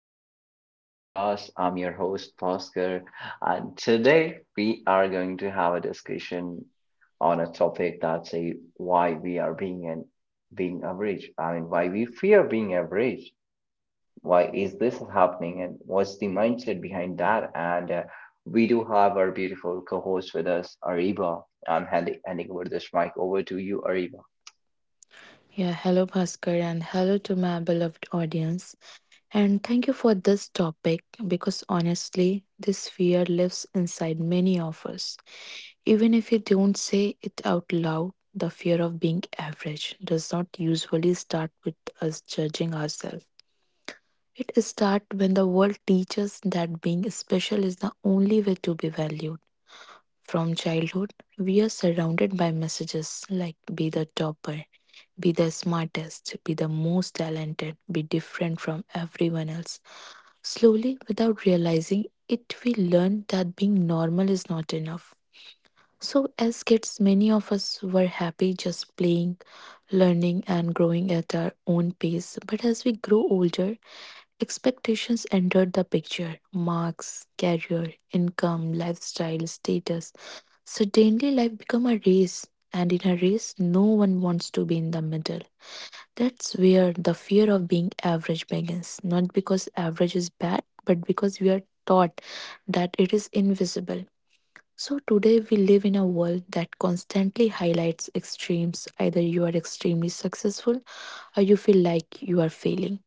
welcome to our podcast. I'm your host, Oscar, and today we are going to have a discussion on a topic that's a why we are being an being average. I mean, why we fear being average. Why is this happening, and what's the mindset behind that? And We do have our beautiful co-host with us, Ariba. I'm handing over this mic over to you, Ariba. Yeah, hello Bhaskar and hello to my beloved audience. And thank you for this topic because honestly, this fear lives inside many of us. Even if you don't say it out loud, the fear of being average does not usually start with us judging ourselves. It starts when the world teaches that being special is the only way to be valued. From childhood, we are surrounded by messages like be the topper, be the smartest, be the most talented, be different from everyone else. Slowly, without realizing it, we learn that being normal is not enough. So, as kids, many of us were happy just playing, learning, and growing at our own pace. But as we grow older, expectations entered the picture marks, career, income, lifestyle, status. Suddenly, life became a race, and in a race, no one wants to be in the middle. That's where the fear of being average begins, not because average is bad, but because we are taught that it is invisible. So today we live in a world that constantly highlights extremes. Either you are extremely successful or you feel like you are failing.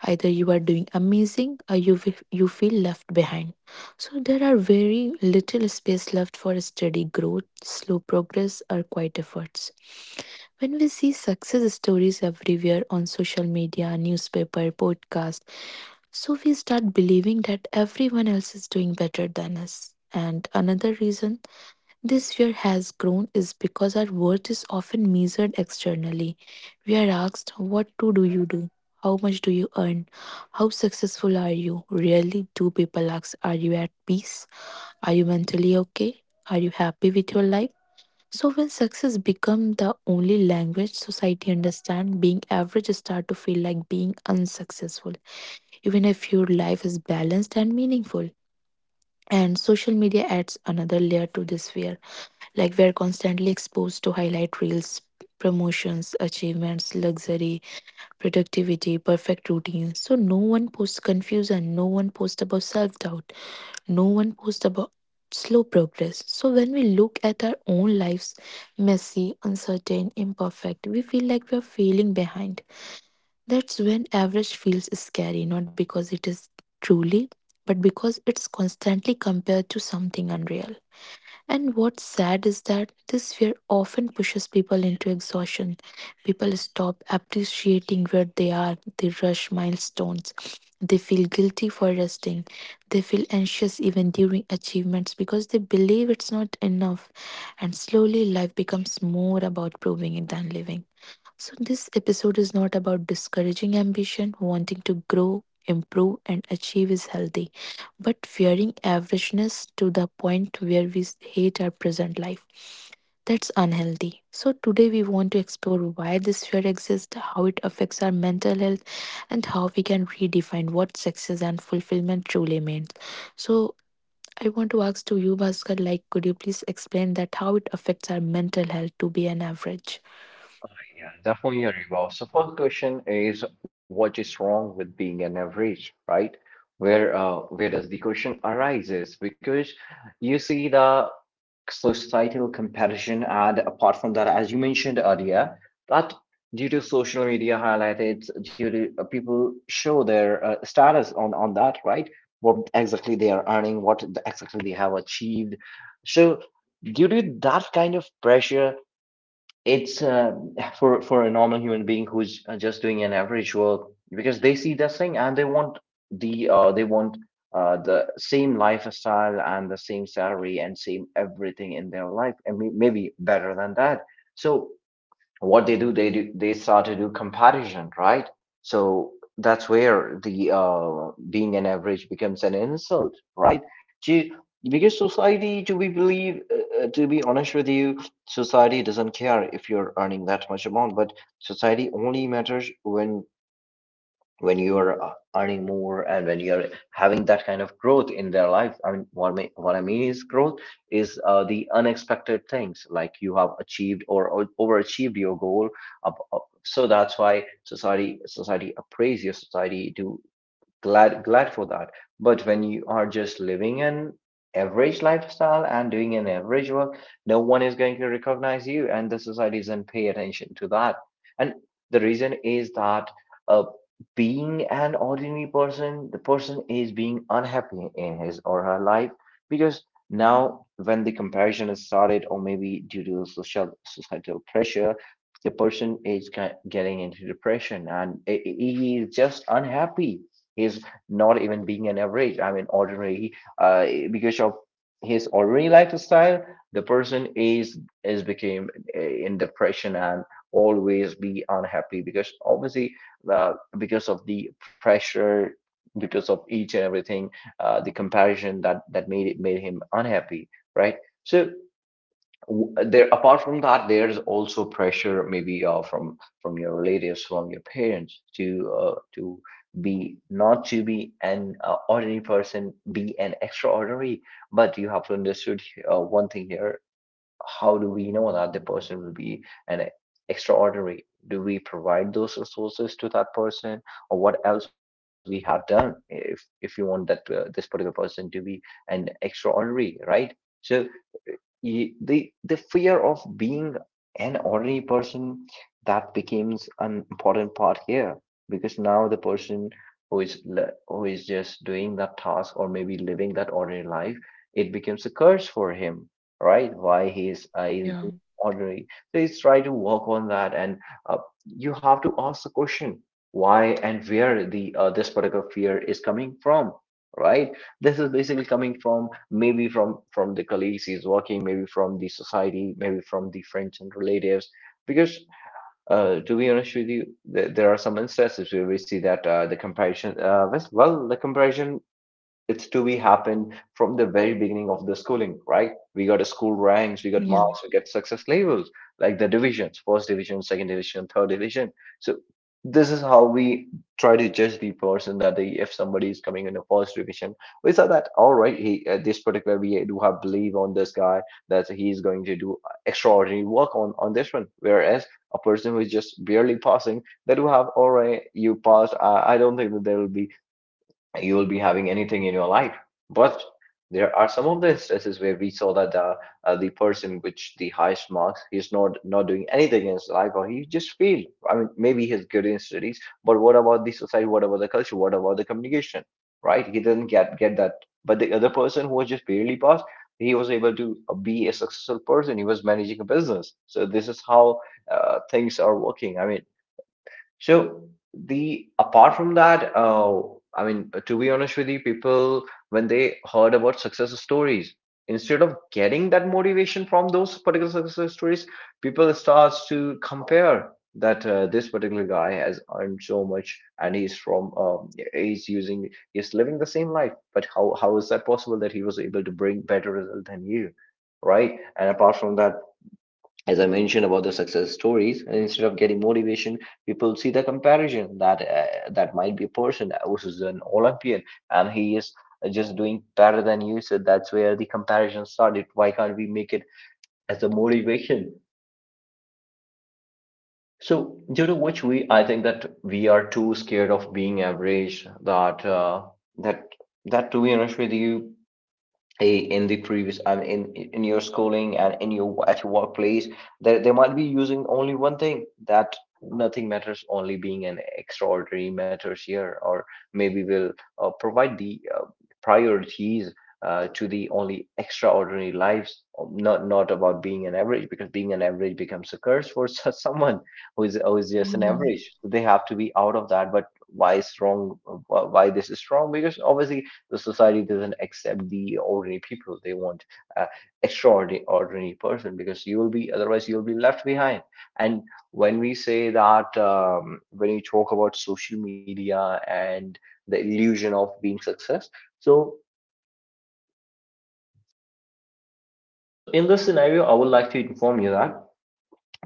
Either you are doing amazing or you feel left behind. So there are very little space left for steady growth, slow progress or quiet efforts. When we see success stories everywhere on social media, newspaper, podcast, so we start believing that everyone else is doing better than us. And another reason this fear has grown is because our worth is often measured externally. We are asked, what to do you do? How much do you earn? How successful are you? Rarely do people ask, are you at peace? Are you mentally okay? Are you happy with your life? So when success become the only language society understand, being average start to feel like being unsuccessful, even if your life is balanced and meaningful. And social media adds another layer to this fear, like we're constantly exposed to highlight reels, promotions, achievements, luxury, productivity, perfect routines. So no one posts confusion, no one posts about self-doubt, no one posts about slow progress. So when we look at our own lives, messy, uncertain, imperfect, we feel like we are failing behind. That's when average feels scary, not because it is truly, but because it's constantly compared to something unreal. And what's sad is that this fear often pushes people into exhaustion. People stop appreciating where they are, they rush milestones. They feel guilty for resting. They feel anxious even during achievements because they believe it's not enough. And slowly, life becomes more about proving it than living. So, this episode is not about discouraging ambition, wanting to grow, improve, and achieve is healthy, but fearing averageness to the point where we hate our present life. That's unhealthy. So, today we want to explore why this fear exists, how it affects our mental health, and how we can redefine what success and fulfillment truly means. So, I want to ask to you, Bhaskar, like, could you please explain that how it affects our mental health to be an average? Yeah, definitely a revolve. So first question is what is wrong with being an average, right? Where does the question arises? Because you see the societal comparison, and apart from that, as you mentioned earlier, that due to social media highlighted, due to people show their status on that, right? What exactly they are earning, what exactly they have achieved. So due to that kind of pressure it's for a normal human being who's just doing an average work because they see this thing, and they want the uh, they want the same lifestyle and the same salary and same everything in their life, and maybe better than that. So what they do, they start to do comparison, right? So that's where the being an average becomes an insult, right? To, because society to be believe to be honest with you, society doesn't care if you're earning that much amount, but society only matters when you're earning more, and when you're having that kind of growth in their life. I mean, what I mean is growth is the unexpected things, like you have achieved or, overachieved your goal, up, up. So that's why society appraise your, society to glad for that. But when you are just living an average lifestyle and doing an average work, no one is going to recognize you, and the society doesn't pay attention to that. And the reason is that uh, being an ordinary person, the person is being unhappy in his or her life, because now when the comparison is started, or maybe due to social societal pressure, the person is getting into depression, and he is just unhappy. He's not even being an average, I mean ordinary. uh, because of his ordinary lifestyle, the person is became in depression and always be unhappy, because obviously, uh, because of the pressure, because of each and everything, the comparison that made it, made him unhappy, right? So there, apart from that, there's also pressure, maybe from your relatives, from your parents, to be, not to be an ordinary person, be an extraordinary. But you have to understood one thing here. How do we know that the person will be an extraordinary? Do we provide those resources to that person, or what else we have done, if you want that this particular person to be an extraordinary, right? So the fear of being an ordinary person, that becomes an important part here, because now the person who is just doing that task or maybe living that ordinary life, it becomes a curse for him, right? Why he is being Yeah, ordinary, so he's trying to work on that. And uh, you have to ask the question, why and where the this particular fear is coming from, right? This is basically coming from maybe from the colleagues he's working, maybe from the society, maybe from the friends and relatives, because to be honest with you, there are some instances where we see that the comparison was- well the comparison, it's to be happened from the very beginning of the schooling, right? We got a school ranks, we got yeah. marks, we got success labels, like the divisions, first division, second division, third division. So this is how we try to judge the person, that they, if somebody is coming in a first division, we saw that, all right, he this particular, we do have belief on this guy that he is going to do extraordinary work on this one, whereas a person who is just barely passing, that do have, all right, you passed, I don't think that there will be, you will be having anything in your life. But there are some of the instances where we saw that the person which the highest marks, he's not doing anything in his life, or he just failed. I mean, maybe he's good in studies, but what about the society? What about the culture? What about the communication? Right? He didn't get that. But the other person who was just barely passed, he was able to be a successful person. He was managing a business. So this is how things are working. I mean, so the, apart from that, I mean, to be honest with you, people, when they heard about success stories, instead of getting that motivation from those particular success stories, people starts to compare that this particular guy has earned so much, and he's from he's using, he's living the same life. But how is that possible that he was able to bring better result than you, right? And apart from that, as I mentioned about the success stories, and instead of getting motivation, people see the comparison that that might be a person who's an Olympian, and he is just doing better than you. So that's where the comparison started. Why can't we make it as a motivation? So due to which we, I think that we are too scared of being average. That that to be honest with you, in the previous, and in your schooling, and in your at your workplace, they might be using only one thing, that nothing matters, only being an extraordinary matters here, or maybe we'll provide the priorities to the only extraordinary lives, not about being an average, because being an average becomes a curse for such someone who is just an So yeah, average, they have to be out of that. But why is wrong, why this is wrong, because obviously the society doesn't accept the ordinary people. They want uh, extraordinary person, because you will be, otherwise you'll be left behind. And when we say that, when you talk about social media and the illusion of being success, so so in this scenario, I would like to inform you that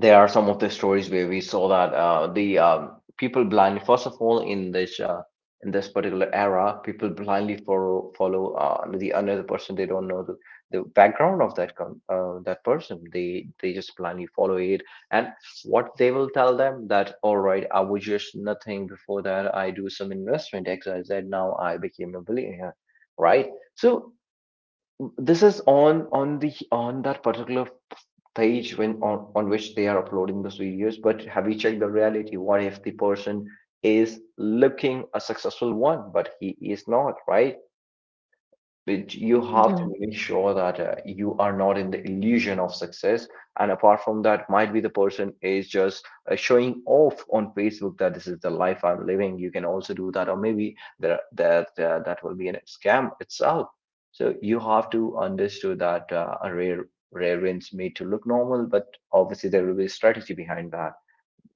there are some of the stories where we saw that the people blindly, first of all, in this particular era, people blindly follow the another person. They don't know the background of that that person, they just blindly follow it, and what they will tell them that, all right, I was just nothing before that, I do some investment XYZ, now I became a billionaire, right? So this is on the, on that particular page when on which they are uploading the videos. But have you checked the reality, what if the person is looking a successful one, but he is not, right? But you have to yeah, make sure that you are not in the illusion of success. And apart from that, might be the person is just showing off on Facebook that this is the life I'm living. You can also do that, or maybe that will be a scam itself. So you have to understand that a rare wins made to look normal, but obviously there will be a strategy behind that.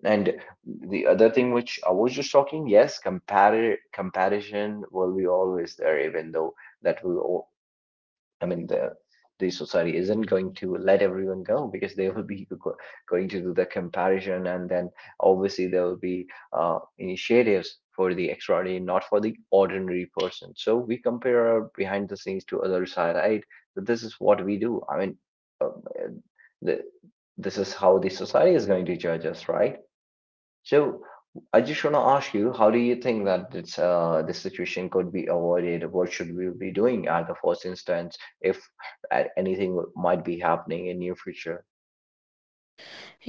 And the other thing which I was just talking, yes, comparison will be always there, even though that will, I mean, the society isn't going to let everyone go, because they will be going to do the comparison, and then obviously there will be initiatives for the extraordinary, not for the ordinary person. So we compare our behind the scenes to other side, right? So this is what we do. I mean, um, uh, the, this is how the society is going to judge us, right? So I just want to ask you, how do you think that it's, this situation could be avoided? What should we be doing at the first instance if might be happening in near future?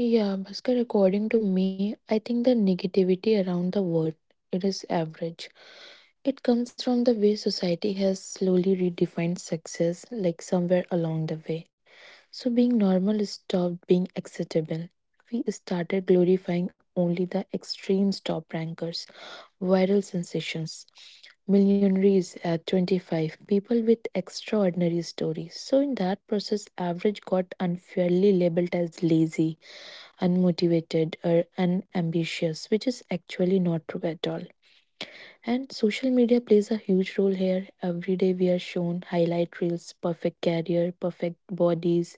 yeah. Bhaskar, according to me, I think the negativity around the word it is average. It comes from the way society has slowly redefined success, like somewhere along the way. So being normal stopped being acceptable. We started glorifying only the extreme top rankers, viral sensations, millionaires at 25, people with extraordinary stories. So, in that process, average got unfairly labeled as lazy, unmotivated, or unambitious, which is actually not true at all. And social media plays a huge role here. Every day we are shown highlight reels, perfect career, perfect bodies,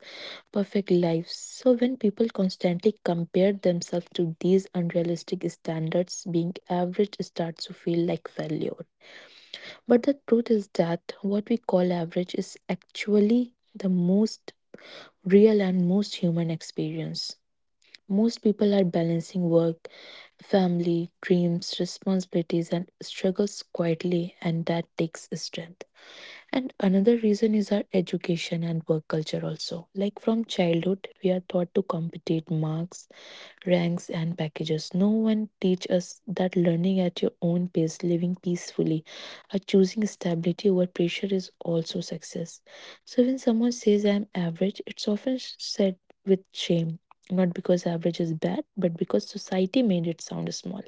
perfect lives. So when people constantly compare themselves to these unrealistic standards, being average starts to feel like failure. But the truth is that what we call average is actually the most real and most human experience. Most people are balancing work, family, dreams, responsibilities, and struggles quietly, and that takes strength. And another reason is our education and work culture also. Like from childhood, we are taught to compete marks, ranks, and packages. No one teach us that learning at your own pace, living peacefully, or choosing stability over pressure is also success. So when someone says I'm average, it's often said with shame. Not because average is bad, but because society made it sound small.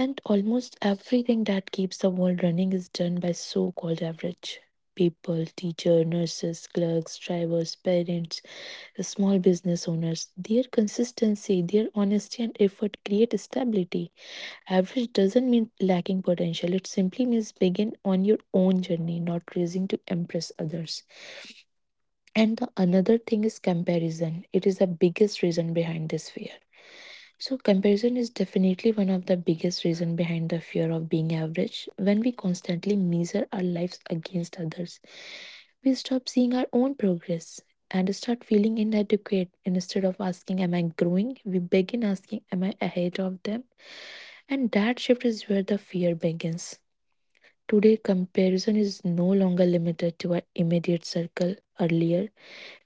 And almost everything that keeps the world running is done by so called average people, teacher, nurses, clerks, drivers, parents, small business owners. Their consistency, their honesty, and effort create stability. Average doesn't mean lacking potential, it simply means begin on your own journey, not racing to impress others. And the another thing is comparison. It is the biggest reason behind this fear. So comparison is definitely one of the biggest reason behind the fear of being average. When we constantly measure our lives against others, we stop seeing our own progress and start feeling inadequate instead of asking am I growing? We begin asking am I ahead of them? And that shift is where the fear begins. Today comparison is no longer limited to our immediate circle. Earlier,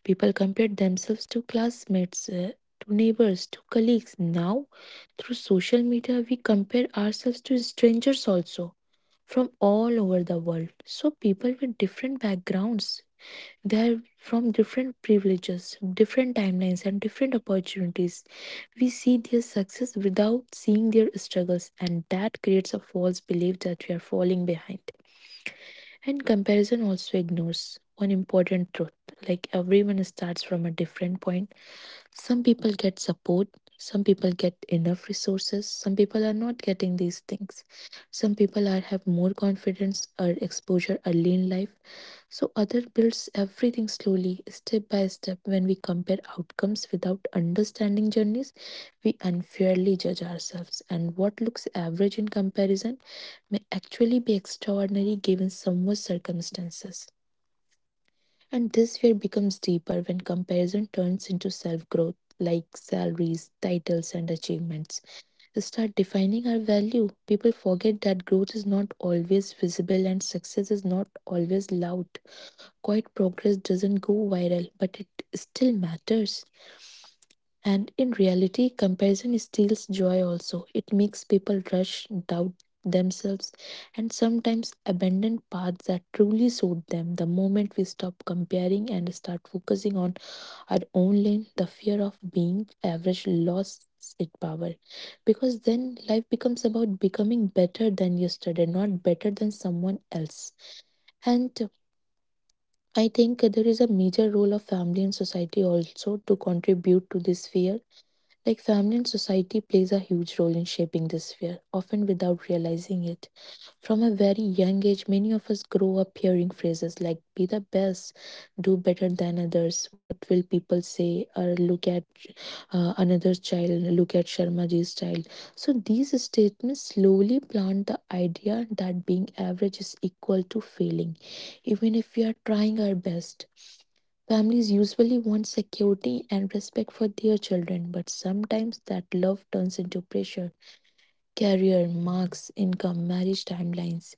people compared themselves to classmates, to neighbors, to colleagues. Now, through social media, we compare ourselves to strangers also from all over the world. So, people with different backgrounds, they're from different privileges, different timelines, and different opportunities. We see their success without seeing their struggles, and that creates a false belief that we are falling behind. And comparison also ignores one important truth, like everyone starts from a different point. Some people get support, some people get enough resources, some people are not getting these things. Some people are have more confidence or exposure early in life, so, other builds everything slowly, step by step. When we compare outcomes without understanding journeys, we unfairly judge ourselves. And what looks average in comparison may actually be extraordinary given someone's circumstances. And this fear becomes deeper when comparison turns into self growth, like salaries, titles, and achievements. We start defining our value. People forget that growth is not always visible and success is not always loud, quiet progress doesn't go viral, but it still matters. And in reality, comparison steals joy also. It makes people rush, doubt themselves, and sometimes abandon paths that truly suit them. The moment we stop comparing and start focusing on our own lane, the fear of being average lost its power, because then life becomes about becoming better than yesterday not better than someone else. And I think there is a major role of family and society also to contribute to this fear. Like family and society plays a huge role in shaping this fear, often without realizing it. From a very young age, many of us grow up hearing phrases like be the best, do better than others, what will people say, or look at another child, look at Sharmaji's child. So these statements slowly plant the idea that being average is equal to failing, even if we are trying our best. Families usually want security and respect for their children, but sometimes that love turns into pressure career, marks, income, marriage timelines.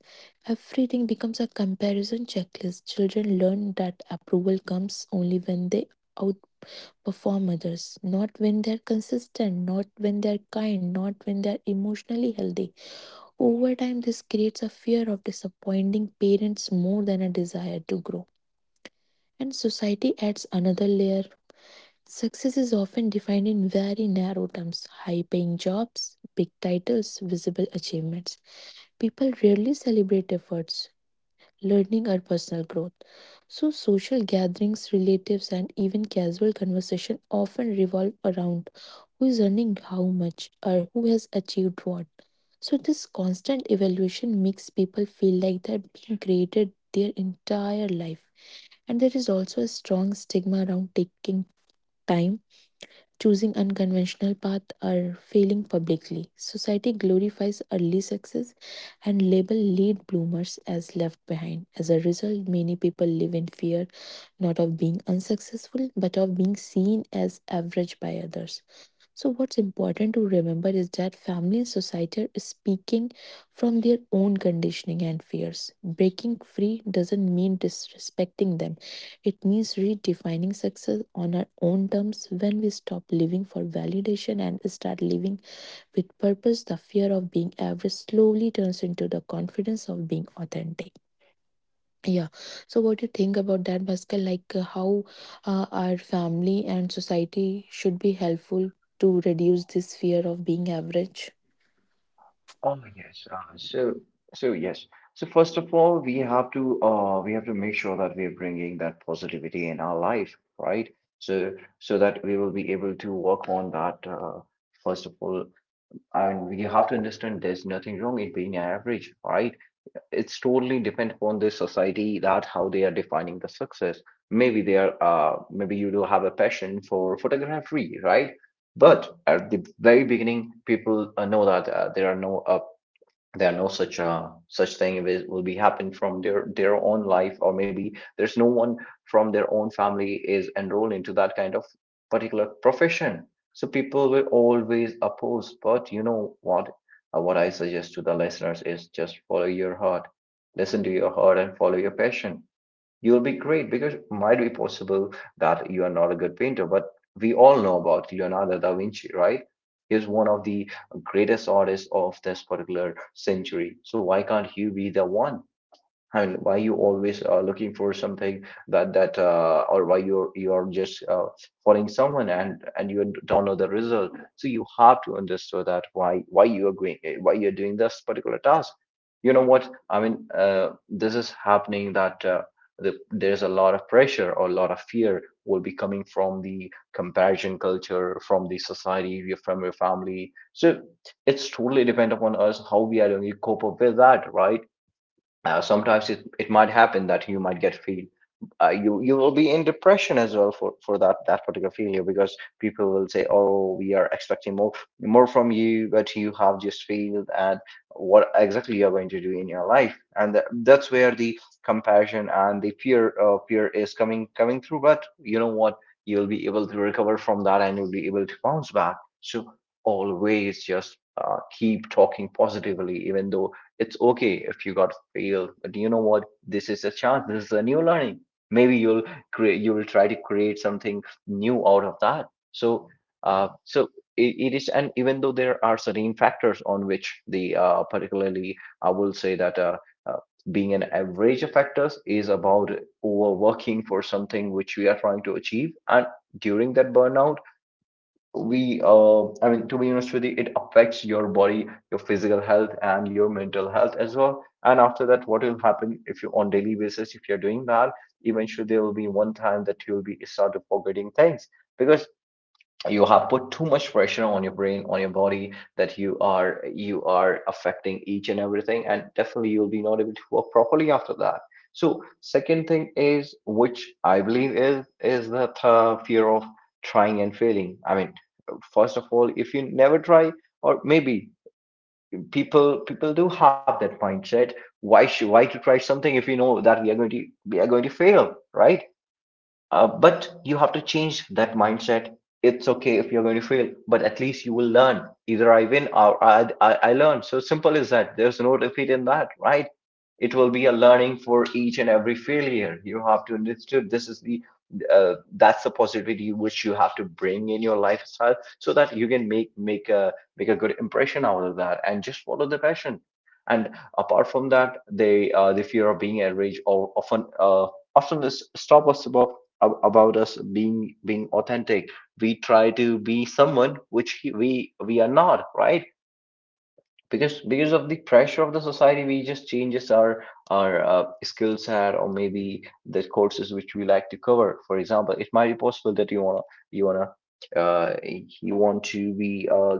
Everything becomes a comparison checklist. Children learn that approval comes only when they outperform others, not when they're consistent, not when they're kind, not when they're emotionally healthy. Over time, this creates a fear of disappointing parents more than a desire to grow. And society adds another layer. Success is often defined in very narrow terms high paying jobs, big titles, visible achievements. People rarely celebrate efforts, learning, or personal growth. So, social gatherings, relatives, and even casual conversation often revolve around who is earning how much or who has achieved what. So, this constant evaluation makes people feel like they're being graded their entire life. And there is also a strong stigma around taking time, choosing unconventional path or failing publicly. Society glorifies early success and label late bloomers as left behind. As a result, many people live in fear not of being unsuccessful but of being seen as average by others. So, what's important to remember is that family and society are speaking from their own conditioning and fears. Breaking free doesn't mean disrespecting them, it means redefining success on our own terms. When we stop living for validation and start living with purpose, the fear of being average slowly turns into the confidence of being authentic. Yeah. So, what do you think about that, Bhaskar? Like, how our family and society should be helpful to reduce this fear of being average? Oh yes. So yes. So first of all, we have to make sure that we're bringing that positivity in our life, right? So so that we will be able to work on that. First of all, and we have to understand there's nothing wrong in being average, right? It's totally depend upon the society that how they are defining the success. Maybe they are maybe you do have a passion for photography, right? But at the very beginning people know that there are no there are no such such thing it will be happen from their own life, or maybe there's no one from their own family is enrolled into that kind of particular profession. So people will always oppose, but you know what? What I suggest to the listeners is just follow your heart, listen to your heart and follow your passion. You'll be great, because it might be possible that you are not a good painter, but we all know about Leonardo da Vinci, right? He's one of the greatest artists of this particular century, so why can't you be the one? I mean, why you always are looking for something that or why you're just following someone, and you don't know the result. So you have to understand that why you are going, why you're doing this particular task. You know what I mean? This is happening that there's a lot of pressure or a lot of fear will be coming from the comparison culture, from the society, from your family. So it's totally depend upon us how we are going to cope up with that, right? Sometimes it might happen that you might get feel, you you will be in depression as well for for that particular failure, because people will say, oh, we are expecting more, more from you, but you have just failed at what exactly you're going to do in your life. And that's where the compassion and the fear, fear is coming through. But you know what? You'll be able to recover from that and you'll be able to bounce back. So always just keep talking positively. Even though it's okay if you got failed, but you know what, this is a chance, this is a new learning. Maybe you'll create, you will try to create something new out of that. So so it is. And even though there are certain factors on which the particularly I will say that uh, being an average of factors is about overworking for something which we are trying to achieve, and during that burnout we I mean, to be honest with you, it affects your body, your physical health, and your mental health as well. And after that, what will happen if you on daily basis, if you're doing that, eventually there will be one time that you will be start to forgetting things, because you have put too much pressure on your brain, on your body, that you are affecting each and everything, and definitely you'll be not able to work properly after that. So second thing is, which I believe is the fear of trying and failing. I mean, first of all, if you never try, or maybe people do have that mindset, why should, why to try something if you know that we are going to fail, right? But you have to change that mindset. It's okay if you're going to fail, but at least you will learn. Either I win or I learn. So simple is that. There's no defeat in that, right? It will be a learning for each and every failure. You have to understand this is the, that's the positivity which you have to bring in your lifestyle so that you can make a make a good impression out of that, and just follow the passion. And apart from that, the fear of being average, or often often stop us about about us being authentic. We try to be someone which we are not, right? Because of the pressure of the society, we just changes our our skill set, or maybe the courses which we like to cover. For example, it might be possible that uh, you want to be a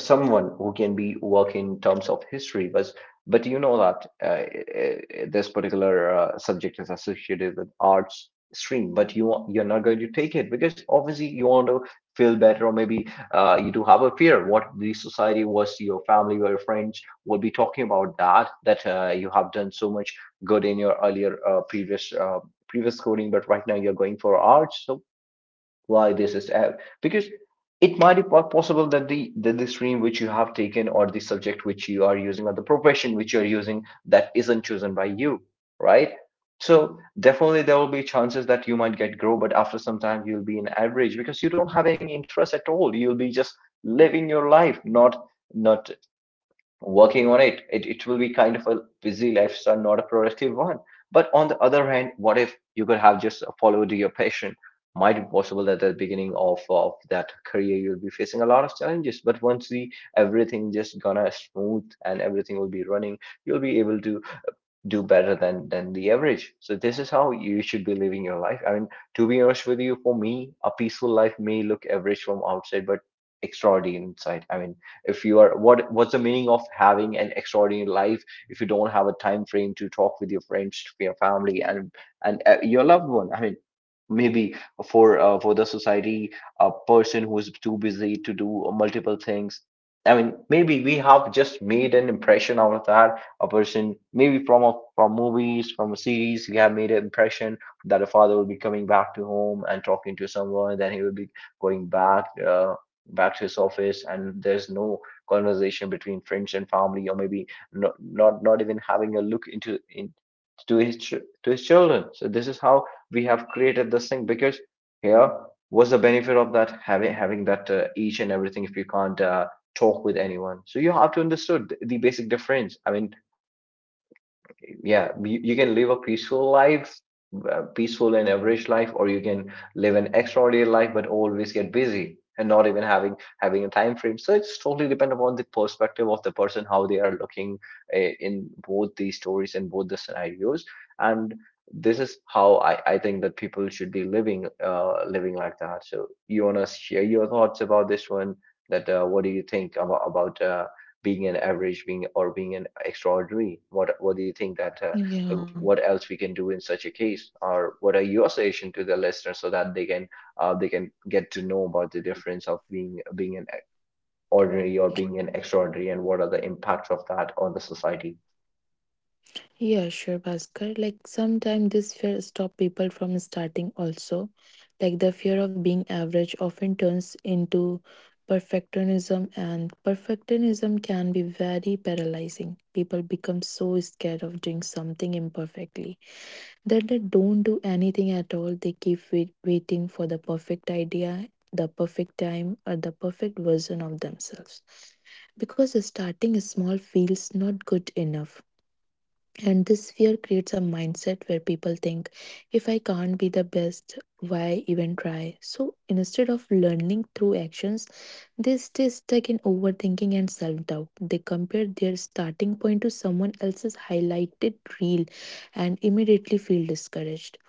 someone who can be work in terms of history, but you know that this particular subject is associated with arts stream, but you're not going to take it because obviously you want to feel better. Or maybe you do have a fear what the society was, your family or your friends will be talking about, that that you have done so much good in your earlier previous previous coding, but right now you're going for arts. So why this is app? Because it might be possible that the stream which you have taken, or the subject which you are using, or the profession which you are using, that isn't chosen by you, right? So definitely there will be chances that you might get grow, but after some time you'll be an average, because you don't have any interest at all. You'll be just living your life, not working on it. It will be kind of a busy lifestyle, not a productive one. But on the other hand, what if you could have just followed your passion? Might be possible that at the beginning of that career you'll be facing a lot of challenges, but once the everything just gonna smooth and everything will be running, you'll be able to do better than the average. So this is how you should be living your life. I mean, to be honest with you, for me a peaceful life may look average from outside but extraordinary inside. I mean, if you are, what what's the meaning of having an extraordinary life if you don't have a time frame to talk with your friends, to your family, and your loved one? I mean, maybe for the society a person who is too busy to do multiple things, I mean, maybe we have just made an impression out of that, a person, maybe from from movies, from a series, we have made an impression that a father will be coming back to home and talking to someone, then he will be going back back to his office, and there's no conversation between friends and family. Or maybe not even having a look to his to his children. So this is how we have created this thing, because here was the benefit of that having that each and everything. If you can't talk with anyone, so you have to understand the basic difference. I mean, yeah, you can live a peaceful life, peaceful and average life, or you can live an extraordinary life but always get busy and not even having a time frame. So it's totally depend upon the perspective of the person how they are looking in both these stories and both the scenarios. And this is how I think that people should be living, living like that. So you want to share your thoughts about this one, that what do you think about being an average being, or being an extraordinary? What do you think that Yeah. what else we can do in such a case, or what are your suggestion to the listeners, so that they can get to know about the difference of being an ordinary or being an extraordinary, and what are the impacts of that on the society? Yeah, sure, Bhaskar. Like, sometimes this fear stop people from starting also. Like, the fear of being average often turns into perfectionism, and perfectionism can be very paralyzing. People become so scared of doing something imperfectly that they don't do anything at all. They keep waiting for the perfect idea, the perfect time, or the perfect version of themselves. Because starting small feels not good enough. And this fear creates a mindset where people think, if I can't be the best, why even try? So instead of learning through actions, they stay stuck in overthinking and self doubt. They compare their starting point to someone else's highlighted reel and immediately feel discouraged.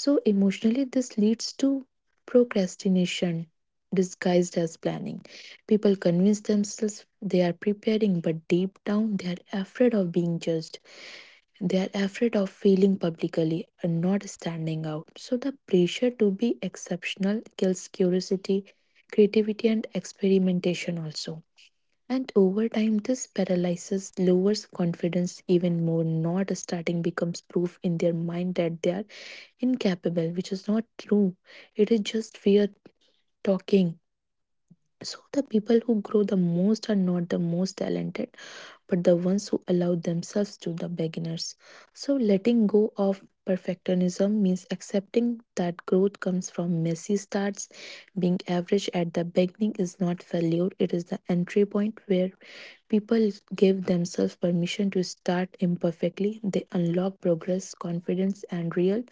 So, emotionally, this leads to procrastination disguised as planning. People convince themselves they are preparing, but deep down, they are afraid of being judged. They are afraid of failing publicly and not standing out. So the pressure to be exceptional kills curiosity, creativity, and experimentation also. And over time, this paralyzes lowers confidence even more. Not starting becomes proof in their mind that they are incapable, which is not true. It is just fear talking. So the people who grow the most are not the most talented but the ones who allow themselves to the beginners. So letting go of perfectionism means accepting that growth comes from messy starts. Being average at the beginning is not failure, it is the entry point where people give themselves permission to start imperfectly. They unlock progress, confidence, and real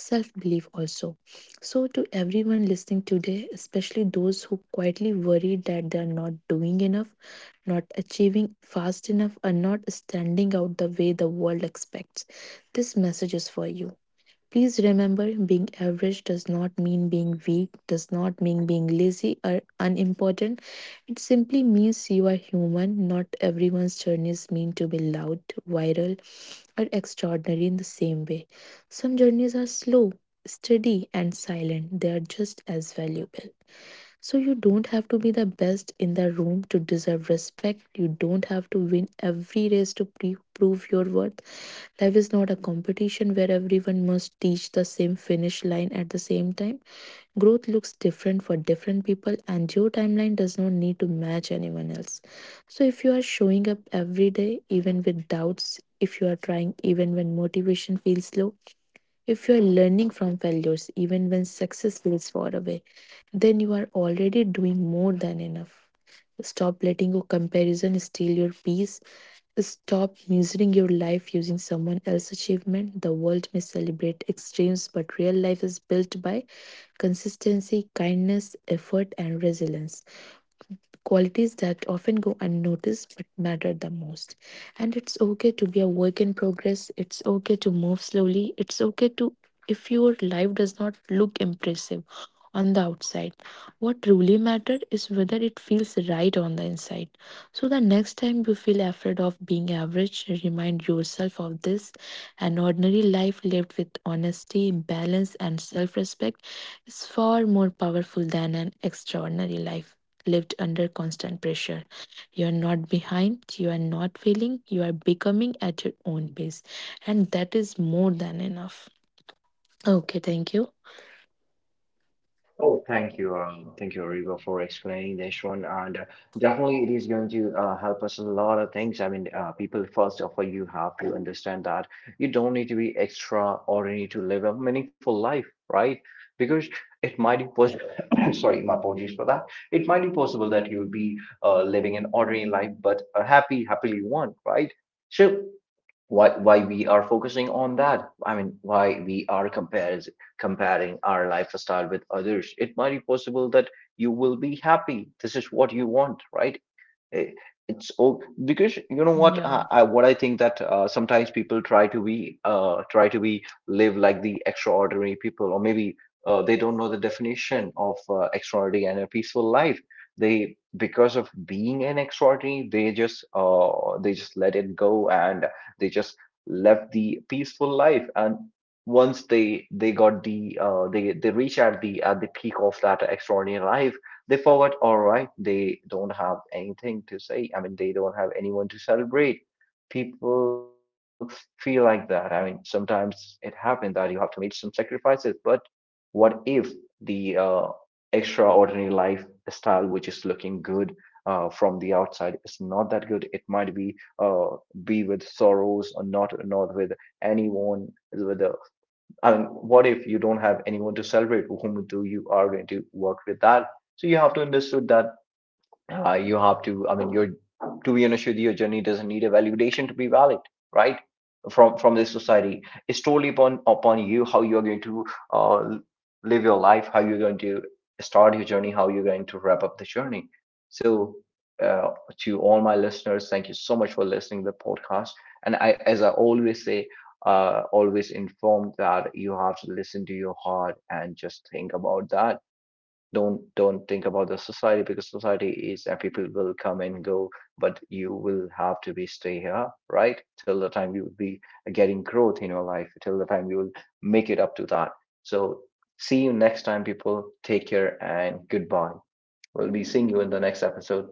self belief also. So, to everyone listening today, especially those who quietly worry that they are not doing enough, not achieving fast enough, or not standing out the way the world expects, this message is for you. Please remember being average does not mean being weak, does not mean being lazy or unimportant, it simply means you are human. Not everyone's journeys mean to be loud, viral, or extraordinary in the same way. Some journeys are slow, steady, and silent. They are just as valuable. So you don't have to be the best in the room to deserve respect. You don't have to win every race to prove your worth. Life is not a competition where everyone must reach the same finish line at the same time. Growth looks different for different people, and your timeline does not need to match anyone else. So, if you are showing up every day, even with doubts, if you are trying even when motivation feels low, if you are learning from failures, even when success feels far away, then you are already doing more than enough. Stop letting your comparison steal your peace. Stop measuring your life using someone else's achievement. The world may celebrate extremes, but real life is built by consistency, kindness, effort, and resilience. Qualities that often go unnoticed but matter the most. And it's okay to be a work in progress. It's okay to move slowly. It's okay to if your life does not look impressive on the outside. What truly matters is whether it feels right on the inside. So the next time you feel afraid of being average, remind yourself of this. An ordinary life lived with honesty, balance, and self respect is far more powerful than an extraordinary life lived under constant pressure. You are not behind, you are not failing, you are becoming at your own pace, and that is more than enough. Okay, thank you. Oh, thank you. Thank you, Rigo, for explaining this one. And definitely, it is going to help us a lot of things. I mean, people, first of all, you have to understand that you don't need to be extraordinary to live a meaningful life, right? Because it might be possible, sorry, my apologies for that. It might be possible that you'll be living an ordinary life, but a happy, happily one, right? So, why we are focusing on that? I mean, why we are compares, comparing our lifestyle with others? It might be possible that you will be happy, this is what you want, right? I- it's all because you know what, Yeah. I, what I think that sometimes people try to be, try to be live like the extraordinary people, or maybe they don't know the definition of extraordinary and a peaceful life. They, because of being an extraordinary, they just let it go, and they just left the peaceful life. And once they got the, they reach at the peak of that extraordinary life, they forgot, all right, they don't have anything to say. I mean, they don't have anyone to celebrate. People feel like that. I mean, sometimes it happens that you have to make some sacrifices, but what if the extraordinary lifestyle, which is looking good from the outside, is not that good? It might be with sorrows, or not with anyone, with I mean, what if you don't have anyone to celebrate, whom do you are going to work with that? So you have to understood that you have to, I mean, your, to be honest with you, your journey doesn't need a validation to be valid, right? From this society. It's totally upon upon you how you're going to uh, live your life, how you're going to start your journey, how you're going to wrap up the journey. So uh, to all my listeners, thank you so much for listening to the podcast. And I as I always say, always informed that you have to listen to your heart and just think about that. Don't think about the society, because society is, and people will come and go, but you will have to be stay here, right, till the time you will be getting growth in your life, till the time you will make it up to that. So see you next time, people, take care, and goodbye. We'll be seeing you in the next episode.